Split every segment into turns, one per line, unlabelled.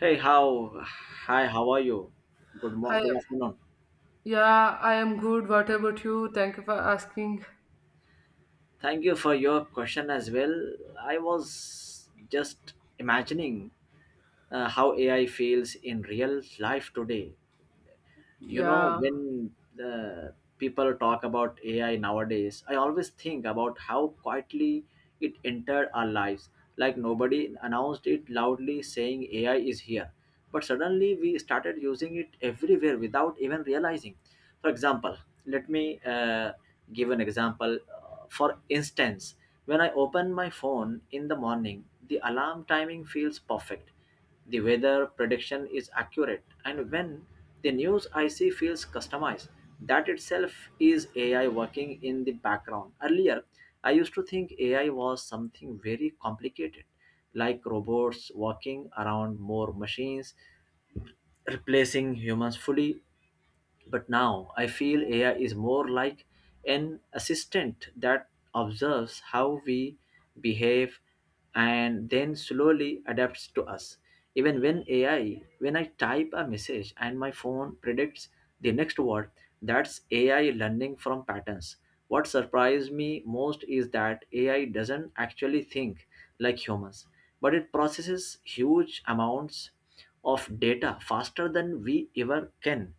Hey, how? Hi, how are you? Good mo-
Hi,
good afternoon.
yeah, I am good. What about you? Thank you for asking.
Thank you for your question as well. I was just imagining how AI feels in real life today. you know
Yeah,
when uh, people talk about ai nowadays, I always think about how quietly it entered our lives, like nobody announced it loudly saying ai is here, but suddenly we started using it everywhere without even realizing. For example, let me give an example. For instance, when I open my phone in the morning, the alarm timing feels perfect, the weather prediction is accurate, and when the news I see feels customized, that itself is AI working in the background. Earlier, I used to think AI was something very complicated, like robots walking around more machines, replacing humans fully. But now I feel AI is more like an assistant that observes how we behave and then slowly adapts to us. When I type a message and my phone predicts the next word, that's AI learning from patterns. What surprised me most is that AI doesn't actually think like humans, but it processes huge amounts of data faster than we ever can.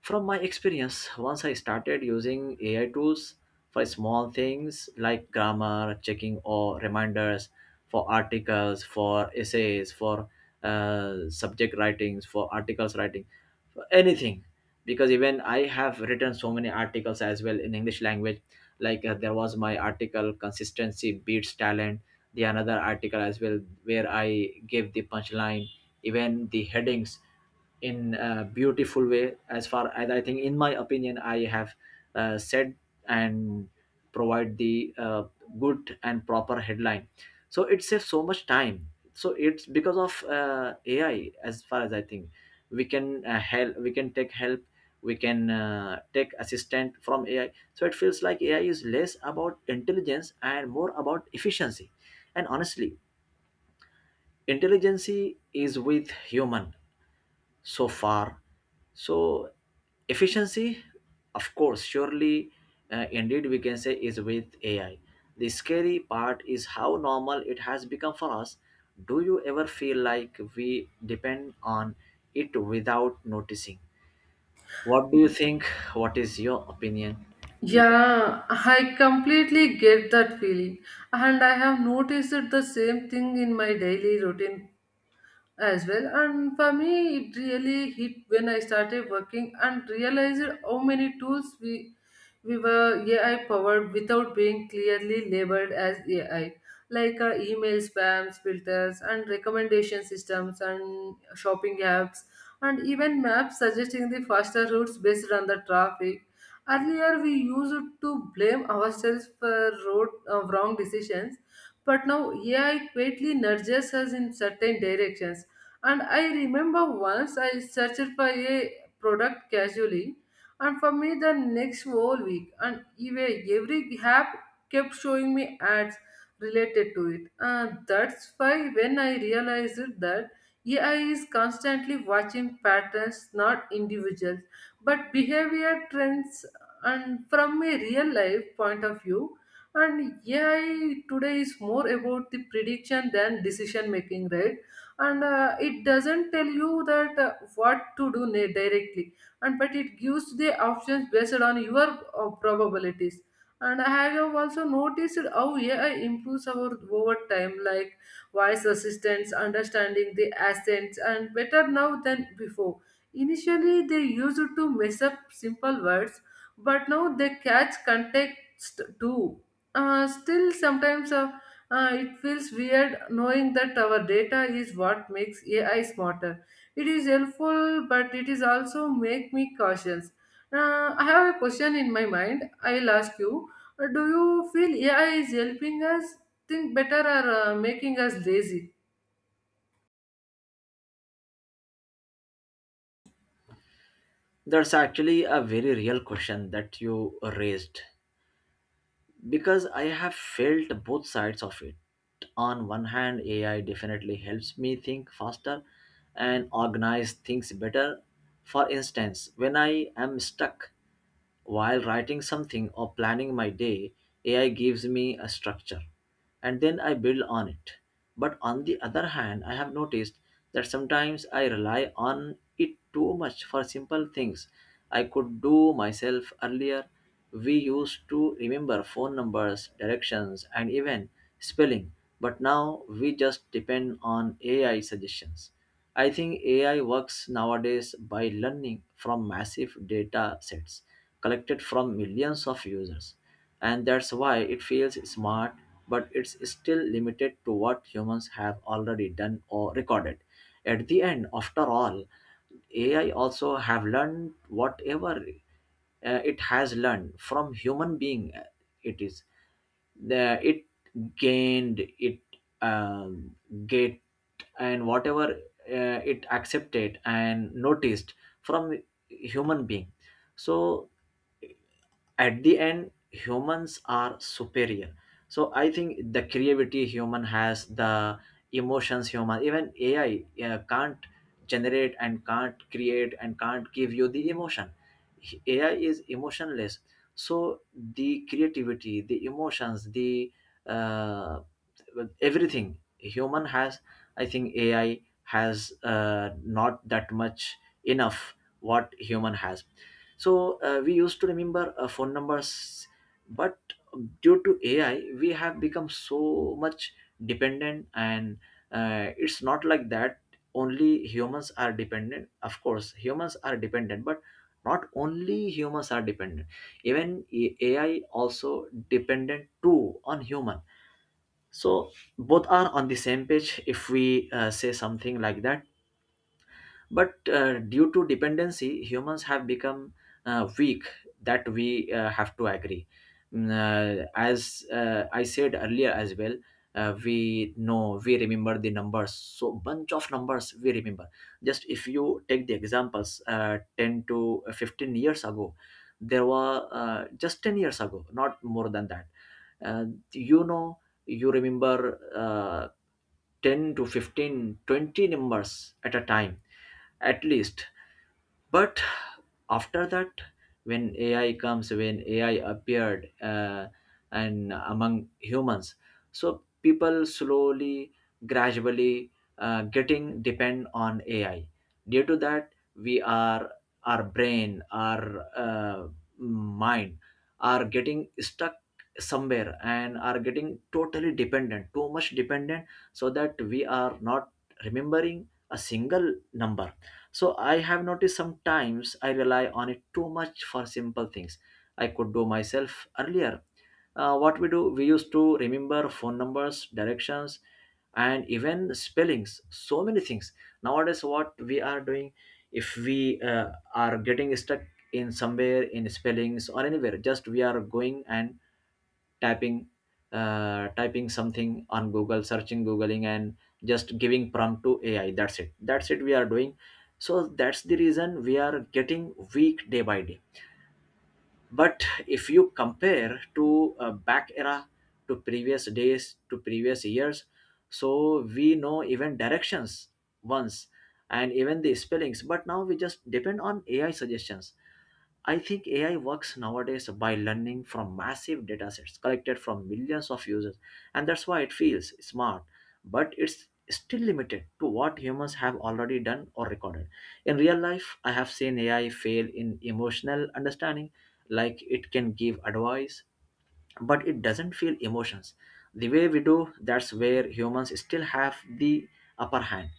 From my experience, once I started using AI tools for small things like grammar, checking or reminders, for articles, for essays, for subject writings, for articles writing, for anything. Because even I have written so many articles as well in English language. Like there was my article, Consistency Beats Talent, the another article as well, where I gave the punchline, even the headings in a beautiful way, as far as I think, in my opinion, I have said and provide the good and proper headline, so it saves so much time. So it's because of ai. As far as I think, we can help, we can take help, we can take assistant from ai. So it feels like ai is less about intelligence and more about efficiency. And honestly, intelligence is with human so far. So efficiency, of course, surely, indeed, we can say is with AI. The scary part is how normal it has become for us. Do you ever feel like we depend on it without noticing? What do you think? What is your opinion? You can.
yeah, I completely get that feeling, and I have noticed the same thing in my daily routine as well. And for me it really hit when I started working and realized how many tools we were AI powered without being clearly labeled as AI, like email spams filters and recommendation systems and shopping apps and even maps suggesting the faster routes based on the traffic. Earlier we used to blame ourselves for road wrong decisions, but now AI quietly nudges us in certain directions. And I remember once I searched for a product casually, and for me the next whole week, and even every app kept showing me ads related to it. And that's why when I realized that AI is constantly watching patterns, not individuals, but behavior trends, and from a real life point of view. And AI today is more about the prediction than decision making, right? And it doesn't tell you that what to do directly, and but it gives the options based on your probabilities. And I have also noticed how AI improves our over time, like voice assistants understanding the accents and better now than before. Initially they used to mess up simple words, but now they catch context too. Still sometimes it feels weird knowing that our data is what makes AI smarter. It is helpful, but it is also make me cautious. I have a question in my mind. I'll ask you. Do you feel AI is helping us think better or making us lazy?
That's actually a very real question that you raised, because I have felt both sides of it. On one hand, AI definitely helps me think faster and organize things better. For instance, when I am stuck, while writing something or planning my day, AI gives me a structure and then I build on it. But on the other hand, I have noticed that sometimes I rely on it too much for simple things I could do myself earlier. We used to remember phone numbers, directions, and even spelling, but now we just depend on AI suggestions. I think AI works nowadays by learning from massive data sets collected from millions of users. And that's why it feels smart, but it's still limited to what humans have already done or recorded. At the end, after all, AI also have learned whatever it has learned from human being. It is it gained it, um, get, and whatever it accepted and noticed from human being, so at the end humans are superior. So I think the creativity human has, the emotions human, even ai can't generate and can't create and can't give you the emotion. Ai is emotionless. So the creativity, the emotions, the uh, everything human has, I think ai has not that much enough what human has. So we used to remember phone numbers, but due to AI, we have become so much dependent. And it's not like that. Only humans are dependent. Of course, humans are dependent, but not only humans are dependent. Even AI also dependent too on human. So both are on the same page, if we say something like that. But due to dependency, humans have become weak. That we have to agree. As I said earlier as well, we know we remember the numbers. So bunch of numbers we remember. Just if you take the examples, 10 to 15 years ago, there were just 10 years ago, not more than that. Uh, you know, you remember. 10 to 15, 20 numbers at a time at least, but after that, when ai appeared, and among humans. So people slowly, gradually, getting depend on ai, due to that we are our brain, our mind are getting stuck somewhere and are getting totally dependent, too much dependent, so that we are not remembering a single number. So I have noticed sometimes I rely on it too much for simple things I could do myself earlier. What we do, we used to remember phone numbers, directions, and even spellings. So many things. Nowadays, what we are doing, if we are getting stuck in somewhere in spellings or anywhere, just we are going and typing typing something on google, searching, googling, and just giving prompt to ai. That's it, that's it we are doing. So that's the reason we are getting weak day by day. But if you compare to back era, to previous days, to previous years, so we know even directions once, and even the spellings, but now we just depend on ai suggestions. I think AI works nowadays by learning from massive datasets collected from millions of users, and that's why it feels smart, but it's still limited to what humans have already done or recorded. In real life, I have seen AI fail in emotional understanding, like it can give advice, but it doesn't feel emotions. The way we do, that's where humans still have the upper hand.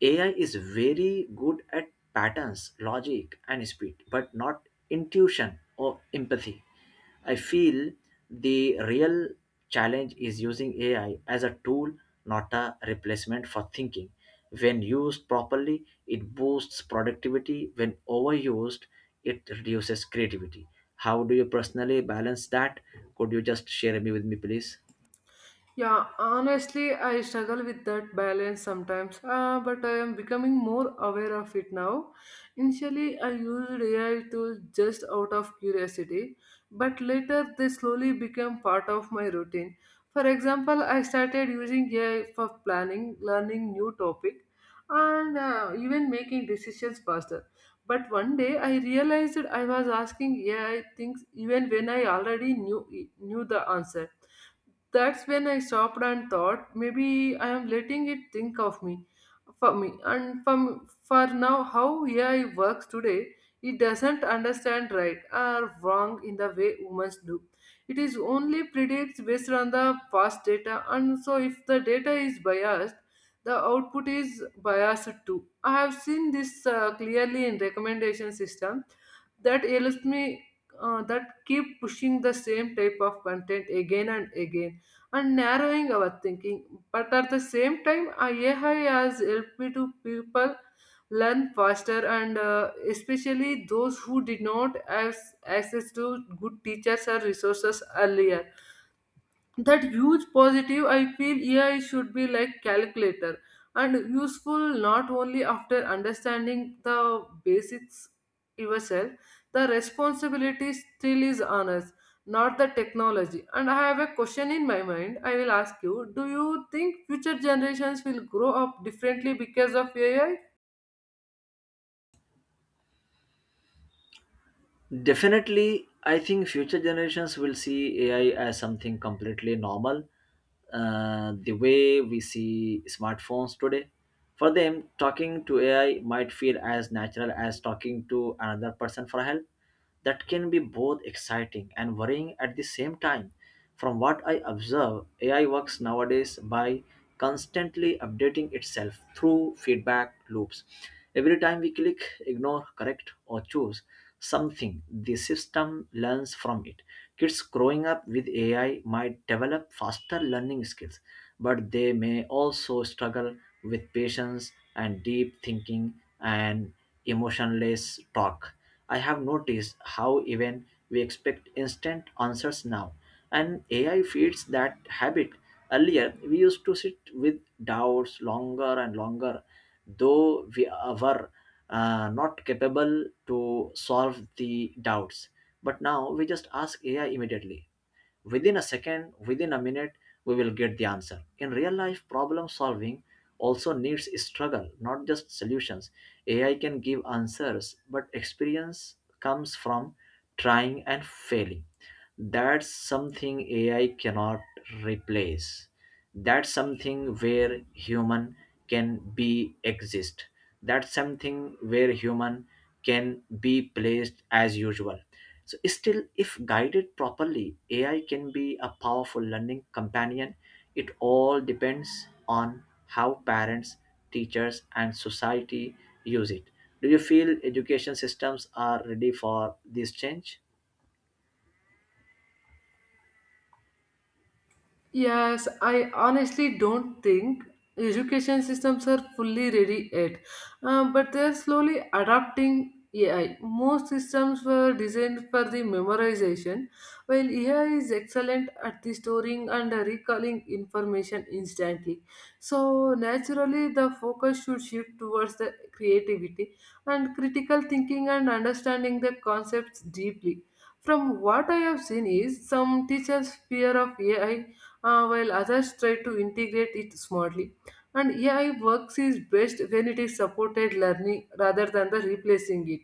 AI is very good at patterns, logic, and speed, but not intuition or empathy. I feel the real challenge is using AI as a tool, not a replacement for thinking. When used properly, it boosts productivity. When overused, it reduces creativity. How do you personally balance that? Could you just share me with me, please?
Yeah, honestly, I struggle with that balance sometimes, but I am becoming more aware of it now. Initially, I used AI tools just out of curiosity, but later they slowly became part of my routine. For example, I started using AI for planning, learning new topic, and even making decisions faster. But one day, I realized that I was asking AI things even when I already knew the answer. That's when I stopped and thought maybe I am letting it think of me, for me, and for now how AI works today. It doesn't understand right or wrong in the way humans do. It is only predicts based on the past data, and so if the data is biased, the output is biased too. I have seen this clearly in recommendation system that ails me, that keep pushing the same type of content again and again and narrowing our thinking. But at the same time, AI has helped me to people learn faster, and especially those who did not have access to good teachers or resources earlier. That huge positive I feel AI should be like calculator and useful not only after understanding the basics yourself. The responsibility still is on us, not the technology. And I have a question in my mind, I will ask you. Do you think future generations will grow up differently because of AI?
Definitely, I think future generations will see AI as something completely normal. The way we see smartphones today. For them, talking to AI might feel as natural as talking to another person for help. That can be both exciting and worrying at the same time. From what I observe, AI works nowadays by constantly updating itself through feedback loops. Every time we click, ignore, correct, or choose, something the system learns from it. Kids growing up with AI might develop faster learning skills, but they may also struggle with patience and deep thinking and emotionless talk. I have noticed how even we expect instant answers now, and AI feeds that habit. Earlier, we used to sit with doubts longer and longer, though we were not capable to solve the doubts. But now we just ask AI immediately. Within a second, within a minute, we will get the answer. In real life, problem solving also needs struggle, not just solutions. AI can give answers, but experience comes from trying and failing. That's something AI cannot replace. That's something where human can be exist. That's something where human can be placed as usual. So still, if guided properly, ai can be a powerful learning companion. It all depends on how parents, teachers, and society use it. Do you feel education systems are ready for this change?
Yes, I honestly don't think education systems are fully ready yet. But they are slowly adapting AI. Most systems were designed for the memorization, while AI is excellent at the storing and recalling information instantly. So naturally, the focus should shift towards the creativity and critical thinking and understanding the concepts deeply. From what I have seen is some teachers fear of AI, while others try to integrate it smartly. And AI works is best when it is supported learning rather than the replacing it.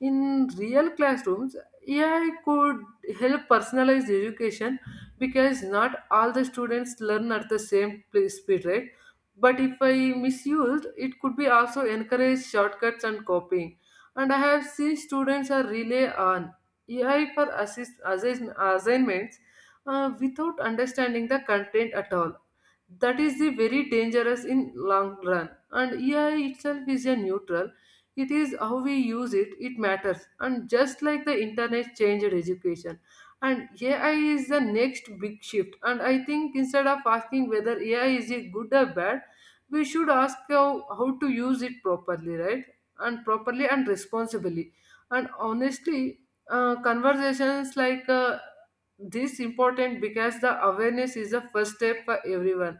In real classrooms, AI could help personalize education because not all the students learn at the same speed, right? But if I misused, it could be also encourage shortcuts and copying. And I have seen students are relay on AI for assignments without understanding the content at all. That is the very dangerous in long run. And AI itself is a neutral. It is how we use it, it matters. And just like the internet changed education. And AI is the next big shift. And I think instead of asking whether AI is it good or bad, we should ask how to use it properly, right? And properly and responsibly. And honestly, conversations like this important because the awareness is the first step for everyone.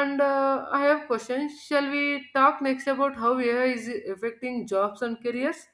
And I have questions. Shall we talk next about how AI is affecting jobs and careers?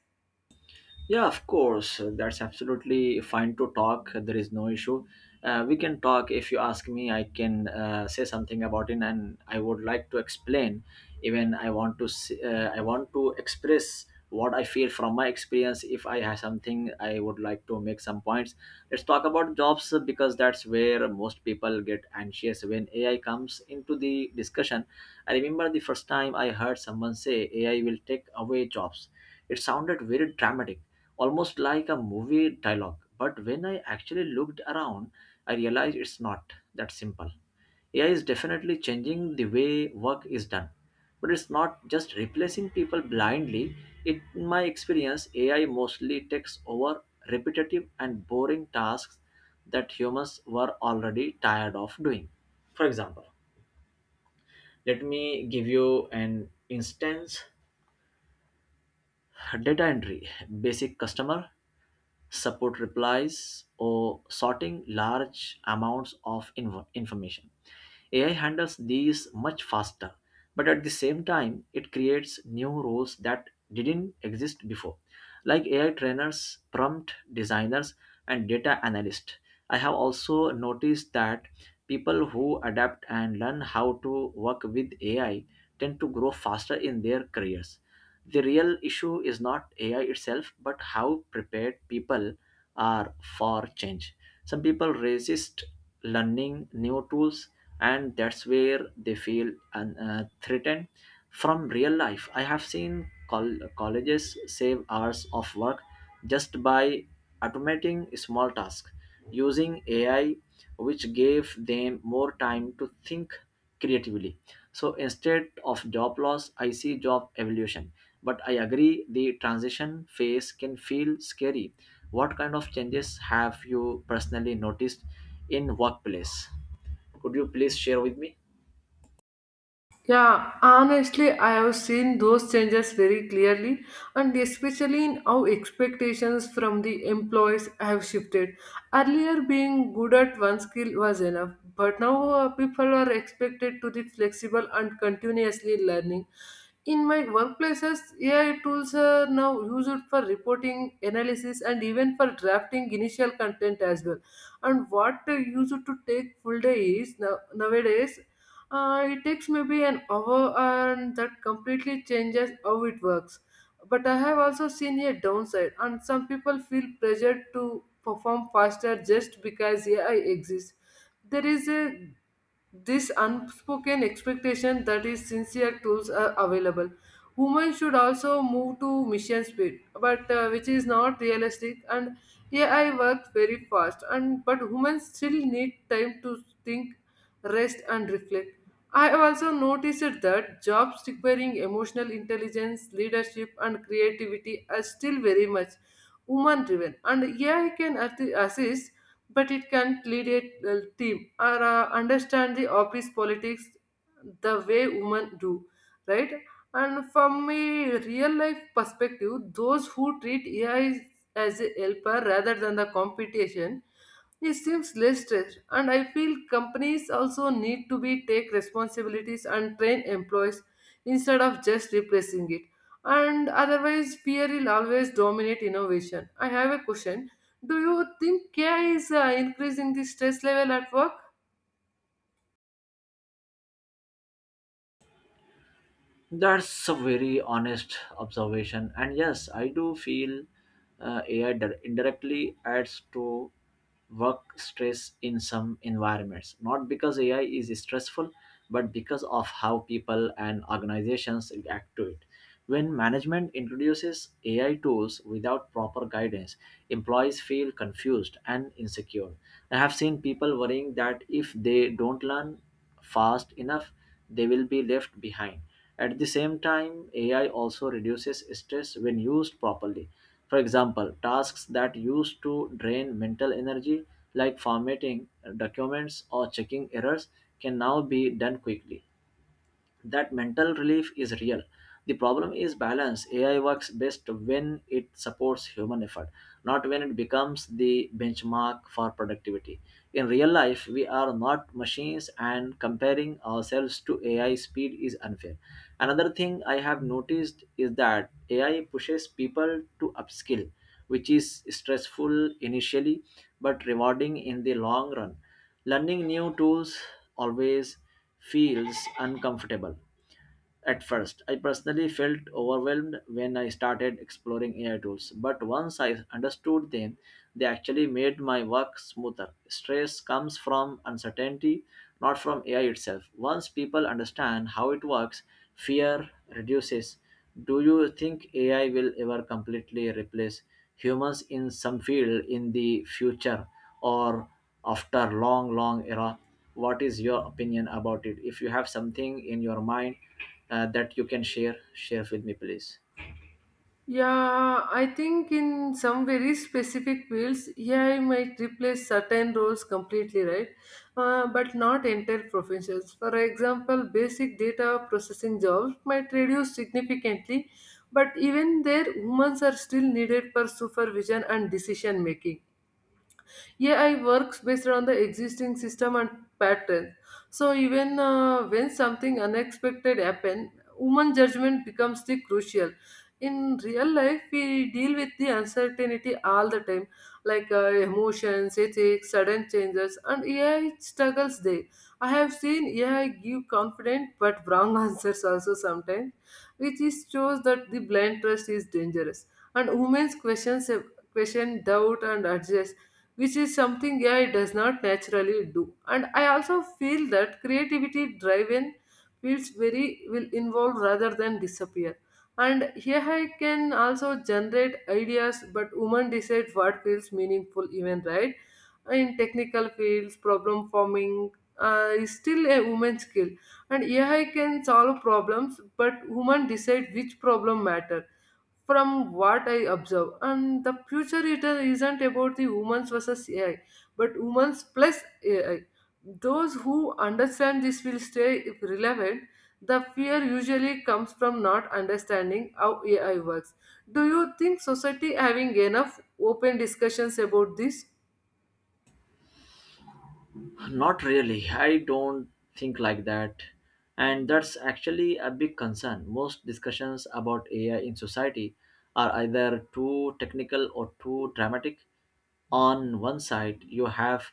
Yeah, of course. That's absolutely fine to talk. There is no issue. We can talk. If you ask me, I can say something about it, and I would like to explain. Even I want to express what I feel from my experience. If I have something, I would like to make some points. Let's talk about jobs, because that's where most people get anxious when AI comes into the discussion. I remember the first time I heard someone say AI will take away jobs. It sounded very dramatic, almost like a movie dialogue. But when I actually looked around, I realized it's not that simple. AI is definitely changing the way work is done. But it's not just replacing people blindly. In my experience, AI mostly takes over repetitive and boring tasks that humans were already tired of doing. For example, let me give you an instance, data entry, basic customer support replies, or sorting large amounts of information. AI handles these much faster, but at the same time, it creates new roles that didn't exist before, like AI trainers, prompt designers, and data analysts. I have also noticed that people who adapt and learn how to work with AI tend to grow faster in their careers. The real issue is not AI itself, but how prepared people are for change. Some people resist learning new tools, and that's where they feel threatened. From real life, I have seen colleges save hours of work just by automating small tasks using AI, which gave them more time to think creatively. So instead of job loss, I see job evolution, but I agree the transition phase can feel scary. What kind of changes have you personally noticed in workplace? Could you please share with me?
Yeah, honestly, I have seen those changes very clearly, and especially in how expectations from the employees have shifted. Earlier, being good at one skill was enough, but now people are expected to be flexible and continuously learning. In my workplaces, AI tools are now used for reporting, analysis, and even for drafting initial content as well. And what they used to take full day is now, nowadays it takes maybe an hour, and that completely changes how it works. But I have also seen a downside, and some people feel pressured to perform faster just because AI exists. There is a this unspoken expectation that is sincere tools are available, women should also move to mission speed, but which is not realistic. And AI works very fast, and but women still need time to think, rest and reflect. I have also noticed that jobs requiring emotional intelligence, leadership and creativity are still very much woman driven, and AI can assist, but it can lead a team or understand the office politics the way women do, right? And from a real life perspective, those who treat AI as a helper rather than the competition, it seems less stress. And I feel companies also need to be take responsibilities and train employees instead of just replacing it, and otherwise fear will always dominate innovation. I have a question: do you think AI is increasing the stress level at work?
That's a very honest observation. And yes, I do feel AI indirectly adds to work stress in some environments. Not because AI is stressful, but because of how people and organizations react to it. When management introduces AI tools without proper guidance, employees feel confused and insecure. I have seen people worrying that if they don't learn fast enough, they will be left behind. At the same time, AI also reduces stress when used properly. For example, tasks that used to drain mental energy, like formatting documents or checking errors, can now be done quickly. That mental relief is real. The problem is balance. AI works best when it supports human effort, not when it becomes the benchmark for productivity. In real life, we are not machines, and comparing ourselves to AI speed is unfair. Another thing I have noticed is that AI pushes people to upskill, which is stressful initially but rewarding in the long run. Learning new tools always feels uncomfortable. At first, I personally felt overwhelmed when I started exploring AI tools, but once I understood them, they actually made my work smoother. Stress comes from uncertainty, not from AI itself. Once people understand how it works, fear reduces. Do you think AI will ever completely replace humans in some field in the future, or after long, long era? What is your opinion about it, if you have something in your mind that you can share with me, please?
Yeah, I think in some very specific fields, AI might replace certain roles completely, right? But not entire professions. For example, basic data processing jobs might reduce significantly, but even there, humans are still needed for supervision and decision making. AI works based on the existing system and pattern. So even when something unexpected happen, human judgment becomes the crucial. In real life, we deal with the uncertainty all the time, like emotions, ethics, sudden changes, and AI struggles there. I have seen AI give confident but wrong answers also sometimes, which is shows that the blind trust is dangerous. And women's question doubt and adjust, which is something AI does not naturally do. And I also feel that creativity driven fields very will involve rather than disappear. And AI can also generate ideas, but women decide what feels meaningful, even right? In technical fields, problem forming is still a woman's skill. And AI can solve problems, but human decide which problem matter. From what I observe and the future, it isn't about the humans versus AI, but humans plus AI. Those who understand this will stay relevant. The fear usually comes from not understanding how AI works. Do you think society having enough open discussions about this?
Not really, I don't think like that. And that's actually a big concern. Most discussions about AI in society are either too technical or too dramatic. On one side, you have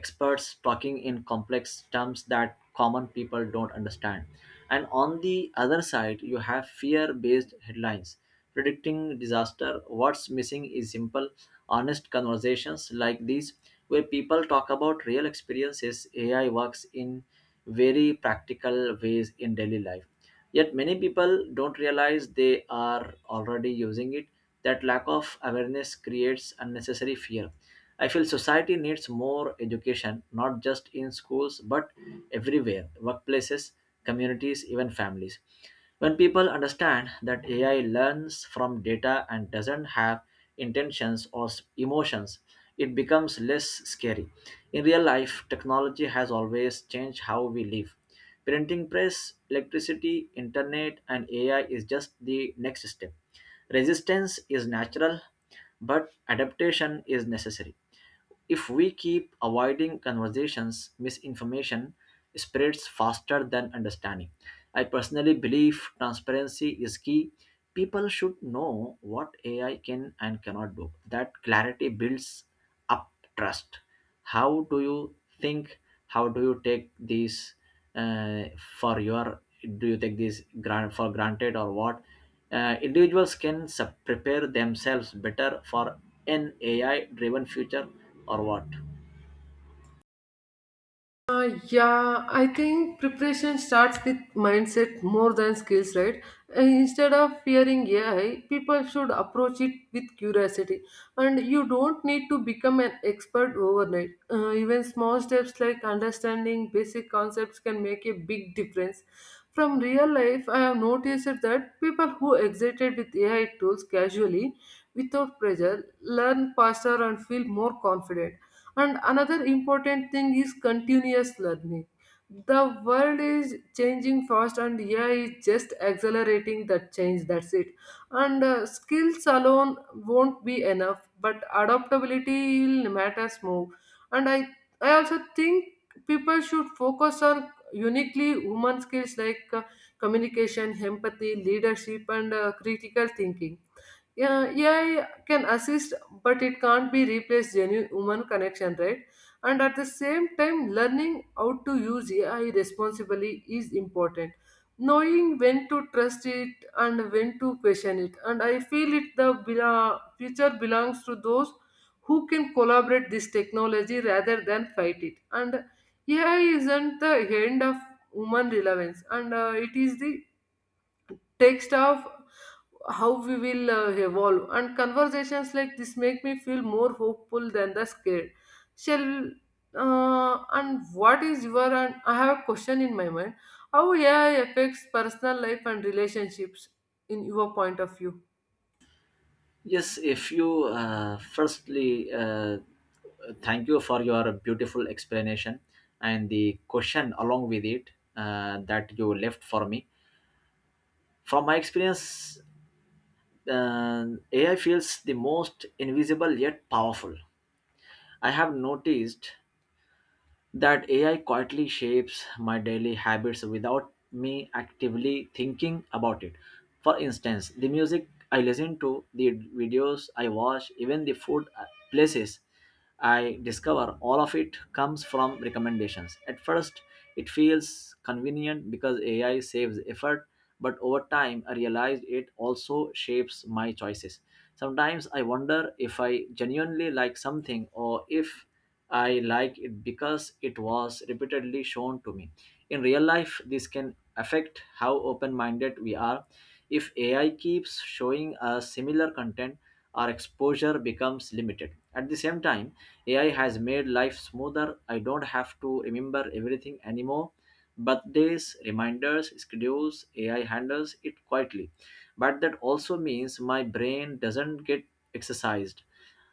experts talking in complex terms that common people don't understand. And on the other side, you have fear based headlines predicting disaster. What's missing is simple, honest conversations like these, where people talk about real experiences. AI works in very practical ways in daily life. Yet many people don't realize they are already using it. That lack of awareness creates unnecessary fear. I feel society needs more education, not just in schools, but everywhere: workplaces, communities, even families. When people understand that AI learns from data and doesn't have intentions or emotions, it becomes less scary. In real life, technology has always changed how we live. Printing press, electricity, internet, and AI is just the next step. Resistance is natural, but adaptation is necessary. If we keep avoiding conversations, misinformation spreads faster than understanding. I personally believe transparency is key. People should know what AI can and cannot do. That clarity builds up trust. How do you think? How do you take these uh, for your? Do you take these grant for granted or what? Individuals can prepare themselves better for an AI-driven future, or what?
Yeah, I think preparation starts with mindset more than skills, right? Instead of fearing AI, people should approach it with curiosity. And you don't need to become an expert overnight. Even small steps like understanding basic concepts can make a big difference. From real life, I have noticed that people who exited with AI tools casually, without pressure, learn faster and feel more confident. And another important thing is continuous learning. The world is changing fast, and AI is just accelerating that change. That's it. And skills alone won't be enough, but adaptability will matters more. And I also think people should focus on uniquely human skills like communication, empathy, leadership, and critical thinking. Yeah, AI can assist, but it can't be replaced genuine human connection, right? And at the same time learning how to use AI responsibly is important, knowing when to trust it and when to question it. And I feel it the future belongs to those who can collaborate this technology rather than fight it. And AI isn't the end of human relevance, and it is the text of how we will evolve. And conversations like this make me feel more hopeful than the scared. Shall uh, and what is your and I have a question in my mind: how AI affects personal life and relationships in your point of view?
Yes, if you firstly, thank you for your beautiful explanation and the question along with it that you left for me. From my experience, uh, AI feels the most invisible yet powerful. I have noticed that AI quietly shapes my daily habits without me actively thinking about it. For instance, the music I listen to, the videos I watch, even the food places I discover, all of it comes from recommendations. At first, it feels convenient because AI saves effort, but over time, I realized it also shapes my choices. Sometimes I wonder if I genuinely like something or if I like it because it was repeatedly shown to me. In real life, this can affect how open minded we are. If AI keeps showing us similar content, our exposure becomes limited. At the same time, AI has made life smoother. I don't have to remember everything anymore. Birthdays, reminders, schedules, AI handles it quietly. But that also means my brain doesn't get exercised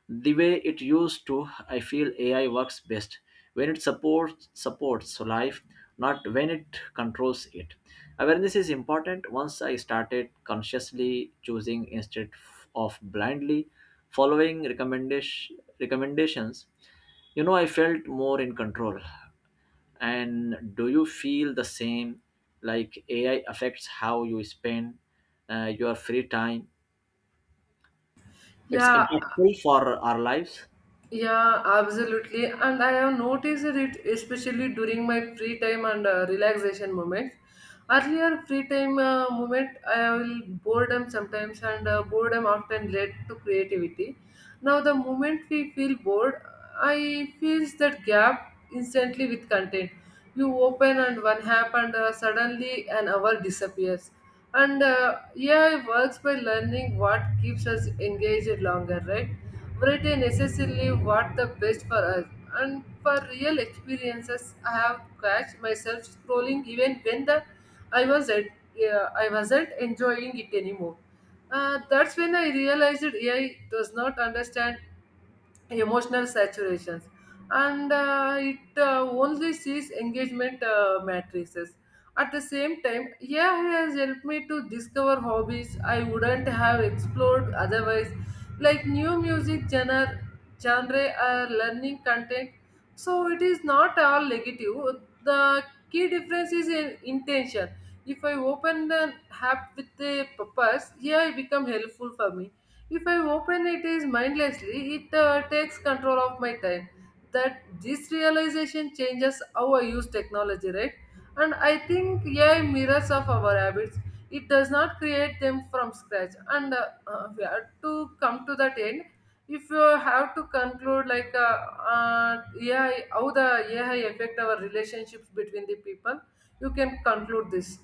the way it used to. I feel AI works best when it supports life, not when it controls it. Awareness is important. Once I started consciously choosing instead of blindly following recommendations, you know, I felt more in control. And do you feel the same, like AI affects how you spend your free time? It's
Yeah,
impactful for our lives.
Yeah, absolutely. And I have noticed it especially during my free time and relaxation moments. Earlier free time moment, I will boredom sometimes, and boredom often led to creativity. Now, the moment we feel bored, I feels that gap instantly with content. You open and one app, and suddenly an hour disappears. And AI works by learning what keeps us engaged longer, right? Variety necessarily what the best for us. And for real experiences I have catch myself scrolling even when the I was at, I wasn't enjoying it anymore. That's when I realized AI does not understand emotional saturations, and it only sees engagement matrices. At the same time, yeah, it has helped me to discover hobbies I wouldn't have explored otherwise, like new music genre or learning content. So it is not all negative. The key difference is in intention. If I open an app with a purpose, yeah, it become helpful for me. If I open it is mindlessly, it takes control of my time. That this realization changes how I use technology, right? And I think AI mirrors of our habits. It does not create them from scratch. And we have to come to that end. If you have to conclude, like, AI, how the AI affect our relationships between the people, you can conclude this.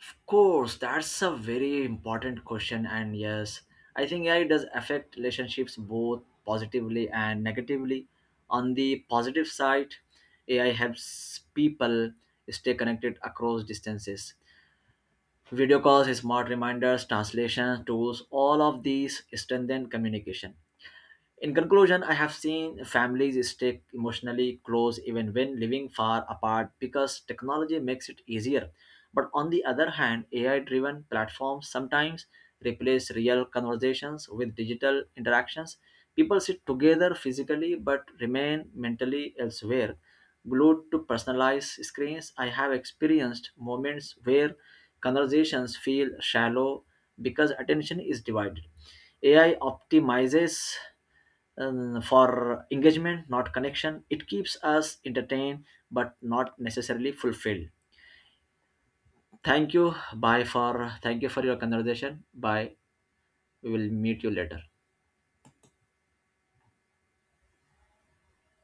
Of course, that's a very important question, and yes, I think AI does affect relationships both positively and negatively. On the positive side, AI helps people stay connected across distances. Video calls, smart reminders, translation tools, all of these strengthen communication. In conclusion, I have seen families stay emotionally close even when living far apart because technology makes it easier. But on the other hand, AI driven platforms sometimes replace real conversations with digital interactions. People sit together physically but remain mentally elsewhere. Glued to personalized screens, I have experienced moments where conversations feel shallow because attention is divided. AI optimizes for engagement, not connection. It keeps us entertained, but not necessarily fulfilled. Thank you. Bye for Thank you for your conversation. Bye. We will meet you later.